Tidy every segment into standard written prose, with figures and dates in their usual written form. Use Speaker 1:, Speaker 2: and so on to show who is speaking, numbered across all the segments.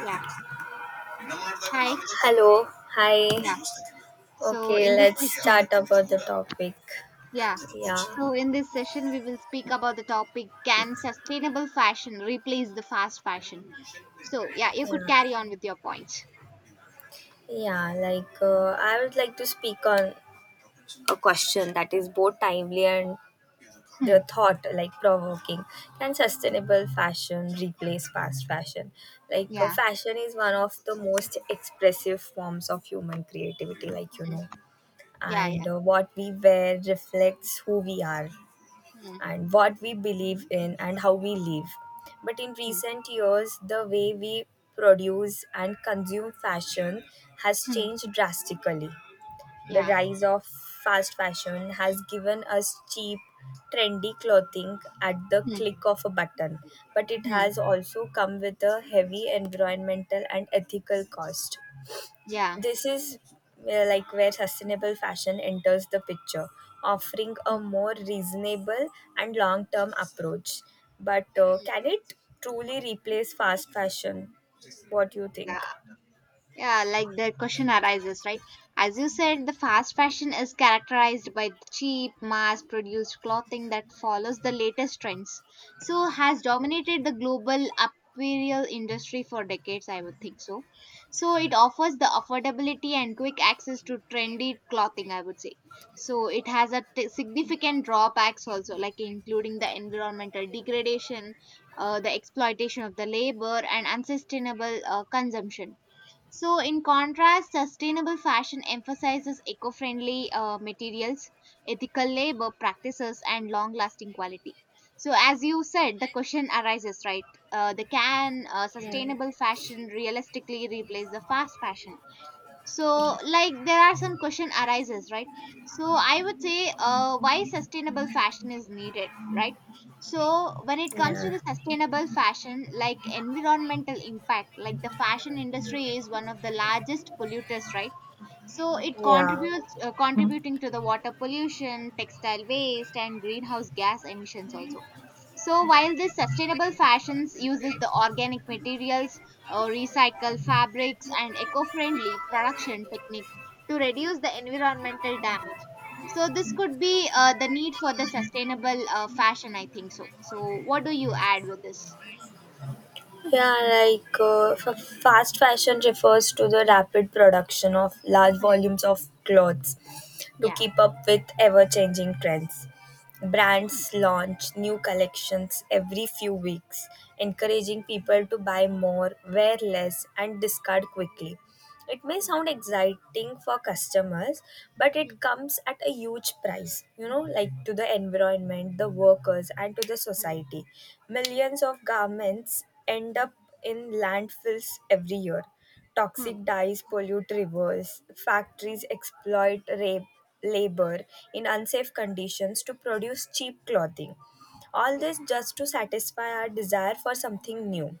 Speaker 1: Yeah. Hi.
Speaker 2: Hello, hi.
Speaker 1: Yeah. So in
Speaker 2: Okay,
Speaker 1: this
Speaker 2: let's
Speaker 1: session,
Speaker 2: start about the topic.
Speaker 1: yeah.
Speaker 2: Yeah,
Speaker 1: We will speak about the topic, can sustainable fashion replace the fast fashion? So, yeah, you
Speaker 2: yeah,
Speaker 1: could carry on with your points.
Speaker 2: yeah. Like, I would like to speak on a question that is both timely and
Speaker 1: Hmm.
Speaker 2: the thought like provoking. Can sustainable fashion replace fast fashion?
Speaker 1: Yeah.
Speaker 2: Fashion is one of the most expressive forms of human creativity,
Speaker 1: Hmm. Yeah. Yeah.
Speaker 2: and what we wear reflects who we are
Speaker 1: Hmm.
Speaker 2: and what we believe in and how we live. But in
Speaker 1: Hmm.
Speaker 2: recent years, the way we produce and consume fashion has
Speaker 1: Hmm.
Speaker 2: changed drastically. The
Speaker 1: Yeah.
Speaker 2: rise of fast fashion has given us cheap, trendy clothing at the
Speaker 1: Hmm.
Speaker 2: click of a button, but it
Speaker 1: Hmm.
Speaker 2: has also come with a heavy environmental and ethical cost.
Speaker 1: Yeah.
Speaker 2: This is where sustainable fashion enters the picture, offering a more reasonable and long term approach. But can it truly replace fast fashion? What do you think?
Speaker 1: Yeah. Yeah, like the question arises, right? As you said, the fast fashion is characterized by cheap, mass produced clothing that follows the latest trends. So, has dominated the global apparel industry for decades, I would think so. So, it offers the affordability and quick access to trendy clothing, I would say. So, it has significant drawbacks also, like including the environmental degradation, the exploitation of the labor, and unsustainable consumption. So, in contrast, sustainable fashion emphasizes eco friendly materials, ethical labor practices, and long lasting quality. So, as you said, the question arises, right? The can
Speaker 2: Yeah.
Speaker 1: sustainable fashion realistically replace the fast fashion? So
Speaker 2: Yeah.
Speaker 1: like there are some question arises, right? So I would say, why sustainable fashion is needed, right? So when it comes to
Speaker 2: Yeah.
Speaker 1: the sustainable fashion, like environmental impact, like the fashion industry is one of the largest polluters, right? So it
Speaker 2: Yeah.
Speaker 1: contributes, contributing to the water pollution, textile waste, and greenhouse gas emissions also. So while this sustainable fashions uses the organic materials, recycle fabrics, and eco-friendly production technique to reduce the environmental damage. So this could be the need for the sustainable fashion, I think so. So what do you add with this?
Speaker 2: Yeah, like fast fashion refers to the rapid production of large
Speaker 1: Hmm.
Speaker 2: volumes of clothes to
Speaker 1: Yeah.
Speaker 2: keep up with ever changing trends.
Speaker 1: Hmm.
Speaker 2: Brands launch new collections every few weeks,
Speaker 1: Hmm.
Speaker 2: encouraging people to buy more, wear less, and discard quickly. It may sound exciting for customers, but
Speaker 1: Hmm.
Speaker 2: it comes at a huge price, like to the environment, the workers, and to the
Speaker 1: Hmm.
Speaker 2: society. Millions of garments end up in landfills every year.
Speaker 1: Hmm. Hmm.
Speaker 2: Toxic dyes pollute rivers, factories exploit rape, labor in unsafe conditions to produce cheap clothing. All
Speaker 1: Yeah.
Speaker 2: this just to satisfy our desire for something new.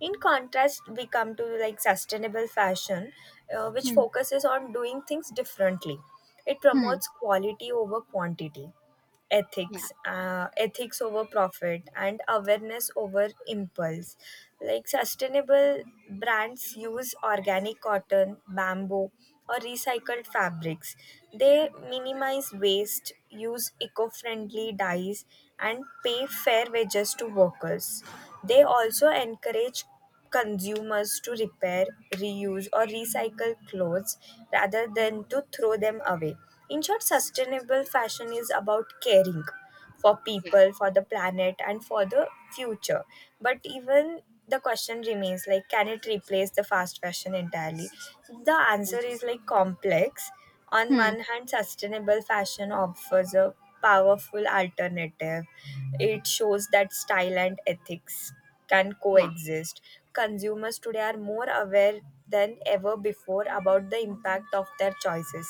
Speaker 2: In contrast, we come to like sustainable fashion, which
Speaker 1: Hmm.
Speaker 2: focuses on doing things differently. It
Speaker 1: Hmm.
Speaker 2: promotes quality over quantity,
Speaker 1: Yeah.
Speaker 2: ethics over profit, and awareness over impulse. Like sustainable brands use organic cotton, bamboo, or recycled fabrics. They
Speaker 1: Hmm.
Speaker 2: minimize waste, use eco-friendly dyes, and pay fair wages to workers. They also encourage consumers to repair, reuse, or recycle clothes rather than to throw them away. In short, sustainable fashion is about caring for
Speaker 1: Yeah.
Speaker 2: people, for the planet, and for the future. But even the question remains, like, can it replace the fast fashion entirely? The answer is like complex. On
Speaker 1: Hmm.
Speaker 2: one hand, sustainable fashion offers a powerful alternative.
Speaker 1: Hmm.
Speaker 2: It shows that style and ethics can
Speaker 1: Yeah.
Speaker 2: coexist. Consumers today are more aware than ever before about the impact of their choices.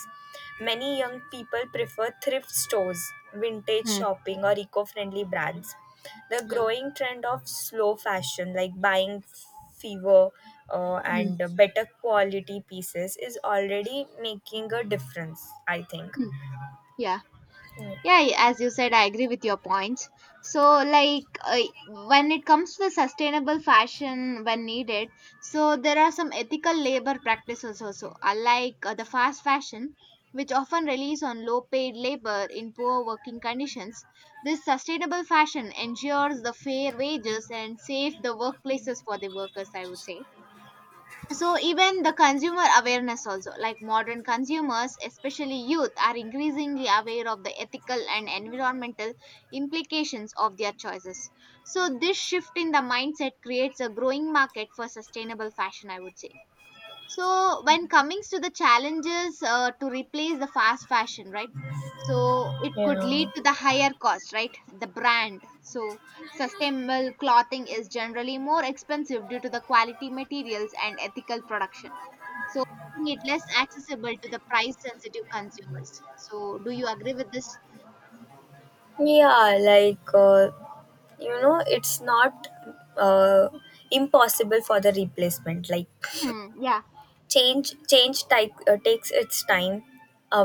Speaker 2: Many young people prefer thrift stores, vintage
Speaker 1: Hmm.
Speaker 2: shopping, or eco friendly brands. The
Speaker 1: Hmm.
Speaker 2: growing trend of slow fashion, like buying fever and
Speaker 1: Hmm.
Speaker 2: better quality pieces, is already making a difference, I think.
Speaker 1: Hmm. Yeah. Yeah, as you said, I agree with your points. So, like, when it comes to the sustainable fashion when needed, so there are some ethical labor practices also, unlike the fast fashion, which often relies on low paid labor in poor working conditions. This sustainable fashion ensures the fair wages and safe the workplaces for the workers, I would say. So even the consumer awareness also, like modern consumers, especially youth, are increasingly aware of the ethical and environmental implications of their choices. So this shift in the mindset creates a growing market for sustainable fashion, I would say. So when coming to the challenges to replace the fast fashion, right? So it could
Speaker 2: yeah
Speaker 1: lead to the higher cost, right? The brand. So sustainable clothing is generally more expensive due to the quality materials and ethical production. So making it less accessible to the price sensitive consumers. So do you agree with this?
Speaker 2: yeah Like, you know, it's not uh, impossible for the replacement. Like
Speaker 1: Hmm, yeah.
Speaker 2: Change takes its time,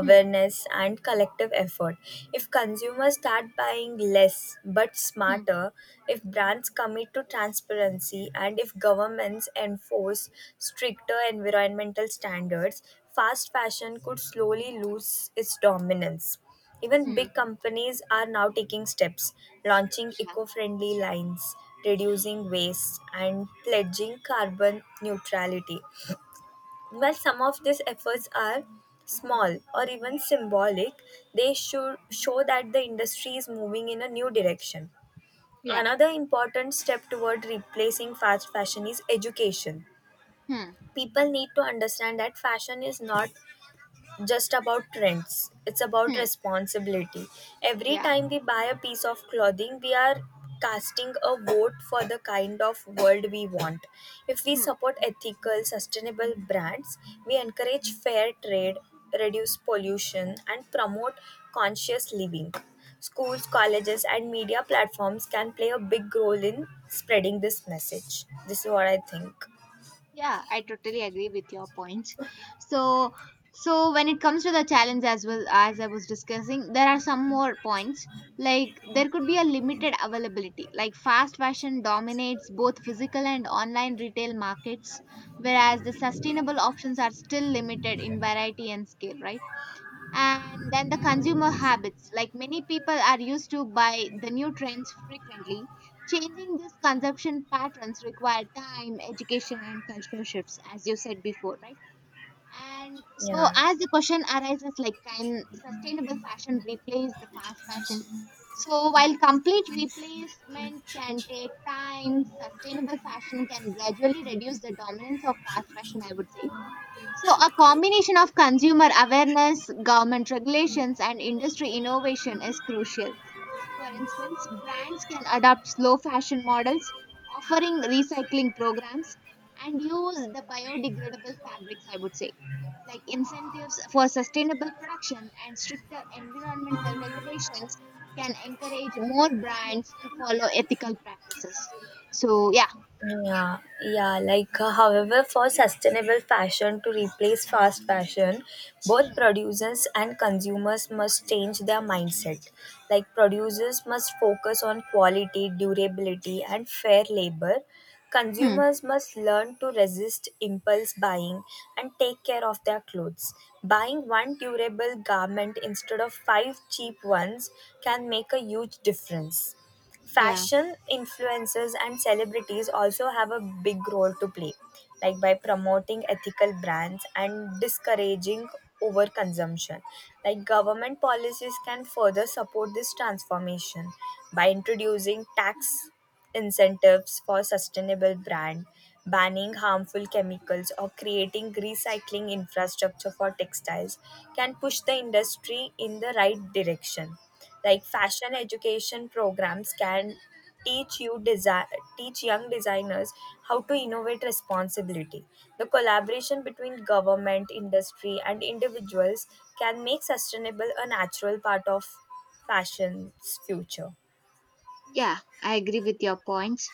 Speaker 1: Hmm.
Speaker 2: and collective effort. If consumers start buying less but
Speaker 1: Hmm.
Speaker 2: smarter, if brands commit to transparency, and if governments enforce stricter environmental standards, fast fashion could slowly lose its dominance. Even
Speaker 1: Hmm.
Speaker 2: big companies are now taking steps, launching
Speaker 1: Yeah.
Speaker 2: eco friendly lines, reducing waste, and pledging carbon neutrality. While some of these efforts are small or even symbolic, they should show that the industry is moving in a new direction.
Speaker 1: Yeah.
Speaker 2: Another important step toward replacing fast fashion is education.
Speaker 1: Hmm.
Speaker 2: People need to understand that fashion is not just about trends, it's about
Speaker 1: Hmm.
Speaker 2: responsibility. Every
Speaker 1: Yeah.
Speaker 2: time we buy a piece of clothing, we are casting a vote for the kind of world we want. If we
Speaker 1: Hmm.
Speaker 2: support ethical sustainable brands, we encourage fair trade, reduce pollution, and promote conscious living. Schools, colleges, and media platforms can play a big role in spreading this message. This is what I think.
Speaker 1: Yeah, I totally agree with your points. So, so when it comes to the challenge, as well as I was discussing, there are some more points. Like there could be a limited availability. Like fast fashion dominates both physical and online retail markets, whereas the sustainable options are still limited in variety and scale, right? And then the consumer habits, like many people are used to buy the new trends frequently. Changing these consumption patterns require time, education, and cultural shifts, as you said before, right? And so
Speaker 2: yeah
Speaker 1: as the question arises, like can sustainable fashion replace the fast fashion? So while complete replacement can take time, sustainable fashion can gradually reduce the dominance of fast fashion, I would say. So, a combination of consumer awareness, government regulations, and industry innovation is crucial. For instance, brands can adopt slow fashion models, offering recycling programs, and use the biodegradable fabrics, I would say, like incentives for sustainable production and stricter environmental regulations can encourage more brands to follow ethical practices. So, yeah.
Speaker 2: Yeah, yeah. Like, however, for sustainable fashion to replace fast fashion, both
Speaker 1: Hmm.
Speaker 2: producers and consumers must change their mindset. Like, producers must focus on quality, durability, and fair labor.
Speaker 1: Hmm.
Speaker 2: Consumers must learn to resist impulse buying and take care of their clothes. Buying one durable garment instead of five cheap ones can make a huge difference.
Speaker 1: Yeah.
Speaker 2: Fashion influencers and celebrities also have a big role to play, like by promoting ethical brands and discouraging overconsumption. Like government policies can further support this transformation by introducing tax incentives for sustainable brand, banning harmful chemicals, or creating recycling infrastructure for textiles can push the industry in the right direction. Like fashion education programs can teach young designers how to innovate responsibility. The collaboration between government, industry, and individuals can make sustainable a natural part of fashion's future.
Speaker 1: Yeah, I agree with your points.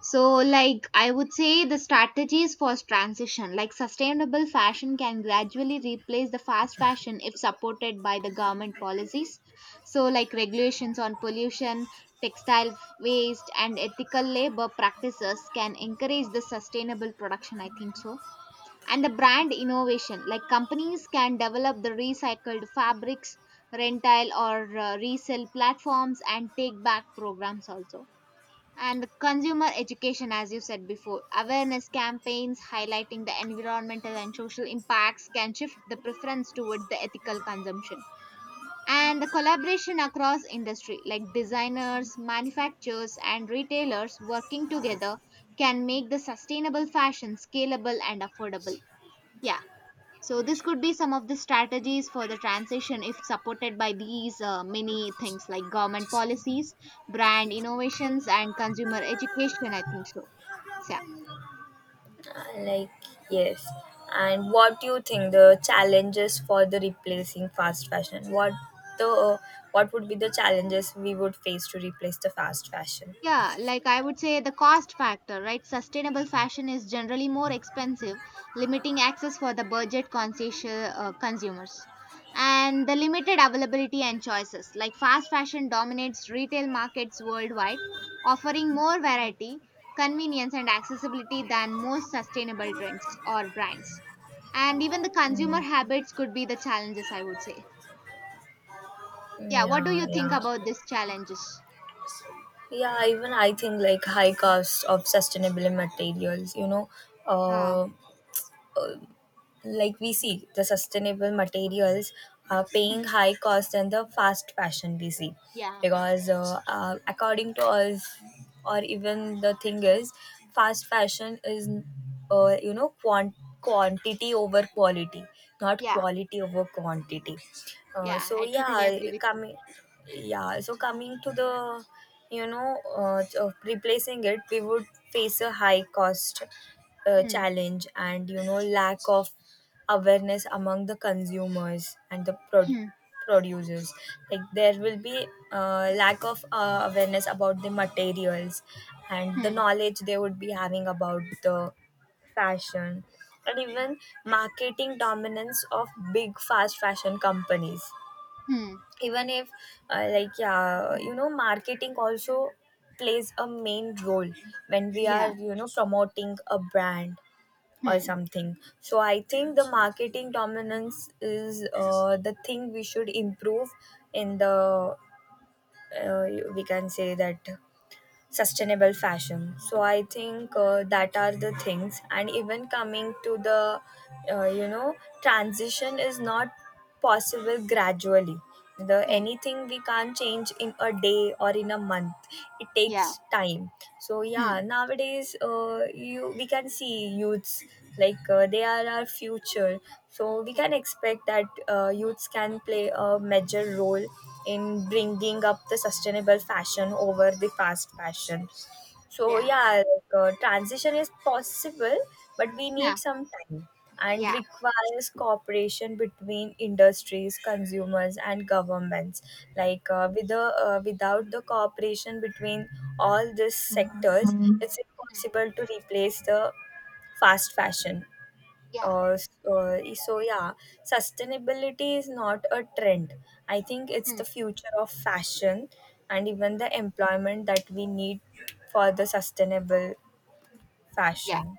Speaker 1: So, like, I would say the strategies for transition, like sustainable fashion can gradually replace the fast fashion if supported by the government policies. So, like, regulations on pollution, waste, and ethical labor practices can encourage the sustainable production, I think so. And the brand innovation, like companies can develop the recycled fabrics, rental or resell platforms, and take back programs also. And the consumer education, as you said before, awareness campaigns highlighting the environmental and social impacts can shift the preference towards the ethical consumption. And the collaboration across industry, like designers, manufacturers, and retailers working together can make the sustainable fashion scalable and affordable. Yeah. So this could be some of the strategies for the transition if supported by these many things like government policies, brand innovations, and consumer education, I think so. So
Speaker 2: Like, yes, and what do you think the challenges for the replacing fast fashion, what the what would be the challenges we would face to replace the fast fashion?
Speaker 1: yeah, like I would say the cost factor, right? Sustainable fashion is generally more expensive, limiting access for the budget conscious consumers. And the limited availability and choices. Like fast fashion dominates retail markets worldwide, offering more variety, convenience, and accessibility than most sustainable trends or brands. And even the
Speaker 2: Mm.
Speaker 1: consumer habits could be the challenges, I would say. Yeah, what do you
Speaker 2: yeah
Speaker 1: think
Speaker 2: yeah
Speaker 1: about these challenges?
Speaker 2: yeah. Even I think like high cost of sustainable materials, you know.
Speaker 1: Uh,
Speaker 2: uh like we see the sustainable materials are paying
Speaker 1: hmm,
Speaker 2: high cost and the fast fashion we see
Speaker 1: yeah,
Speaker 2: because according to us, or even the thing is, fast fashion is, you know, quantity over quality, not
Speaker 1: yeah.
Speaker 2: quality over quantity.
Speaker 1: Yeah,
Speaker 2: So
Speaker 1: I totally
Speaker 2: yeah,
Speaker 1: agree with you.
Speaker 2: coming, yeah, so coming to the, you know, of replacing it, we would face a high cost
Speaker 1: Hmm.
Speaker 2: challenge, and you know lack of awareness among the consumers and the
Speaker 1: Hmm.
Speaker 2: producers. Like there will be lack of awareness about the materials and the
Speaker 1: Hmm.
Speaker 2: knowledge they would be having about the fashion. And even marketing dominance of big fast fashion companies.
Speaker 1: Hmm.
Speaker 2: Even if like yeah, you know, marketing also plays a main role when we are,
Speaker 1: Yeah.
Speaker 2: you know, promoting a brand or
Speaker 1: Hmm.
Speaker 2: something. So I think the marketing dominance is the thing we should improve in the uh, we can say that sustainable fashion. So I think that are the things, and even coming to the you know, transition is not possible gradually. The
Speaker 1: Hmm.
Speaker 2: anything we can't change in a day or in a month. It
Speaker 1: Yeah.
Speaker 2: takes time. So yeah,
Speaker 1: Hmm.
Speaker 2: nowadays, you, we can see youths, like they are our future. So we
Speaker 1: Hmm.
Speaker 2: can expect that youths can play a major role in bringing up the sustainable fashion over the fast fashion. So
Speaker 1: Yeah.
Speaker 2: yeah, like, transition is possible, but we
Speaker 1: Yeah.
Speaker 2: need some time and
Speaker 1: Yeah.
Speaker 2: requires cooperation between industries, consumers, and governments. Like without the cooperation between all these sectors,
Speaker 1: Mhm.
Speaker 2: it's impossible to replace the fast fashion.
Speaker 1: Yeah.
Speaker 2: So yeah, sustainability is not a trend, I think it's
Speaker 1: Hmm.
Speaker 2: the future of fashion. And even the employment that we need for the sustainable
Speaker 1: Yeah.
Speaker 2: fashion.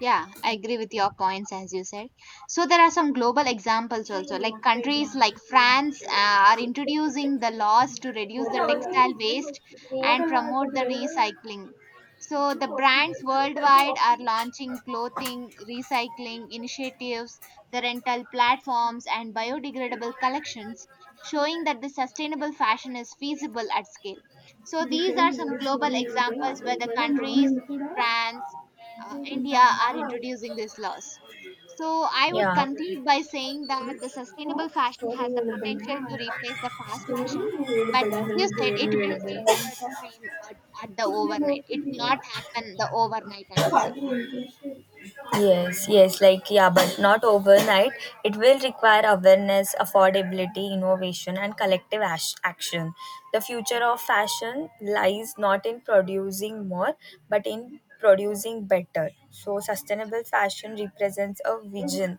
Speaker 1: Yeah, I agree with your points as you said. So there are some global examples also, like countries like France are introducing the laws to reduce the textile waste and promote the recycling. So the brands worldwide are launching clothing recycling initiatives, the rental platforms, and biodegradable collections, showing that the sustainable fashion is feasible at scale. So these are some global examples where the countries France, India are introducing these laws. So I would
Speaker 2: Yeah.
Speaker 1: conclude by saying that the sustainable fashion
Speaker 2: story
Speaker 1: has the
Speaker 2: ಹೇಳ್ಬೇಡ.
Speaker 1: potential to replace the fast
Speaker 2: story
Speaker 1: fashion, but
Speaker 2: ಹೇಳ್ಬೇಡ
Speaker 1: as you
Speaker 2: ನಂಗೆ
Speaker 1: said,
Speaker 2: ಏನು
Speaker 1: it will
Speaker 2: ಹೇಳ್ಬೇಡ
Speaker 1: take the
Speaker 2: ಅಂತ
Speaker 1: time at the
Speaker 2: ಹಿಂದೆ
Speaker 1: overnight. It will
Speaker 2: ನೋಡ್ತಿದ್ದೀರಾ.
Speaker 1: not happen the overnight, I would say.
Speaker 2: ಅದು interest. Yes, yes, like, yeah, but not overnight. It will require awareness, affordability, innovation, and collective action. The future of fashion lies not in producing more, but in producing better. So, sustainable fashion represents a vision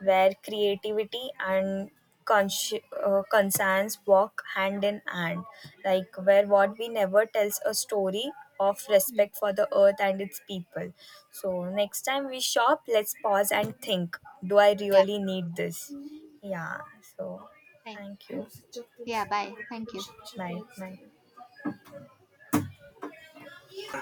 Speaker 2: where creativity and conscience walk hand in hand, like where what we never tells a story of
Speaker 1: Mm.
Speaker 2: respect for the earth and its people. So next time we shop, let's pause and think, do I
Speaker 1: Yeah.
Speaker 2: really need this? Yeah. So
Speaker 1: Thank.
Speaker 2: thank you.
Speaker 1: Yeah. Bye. Thank you.
Speaker 2: Bye bye.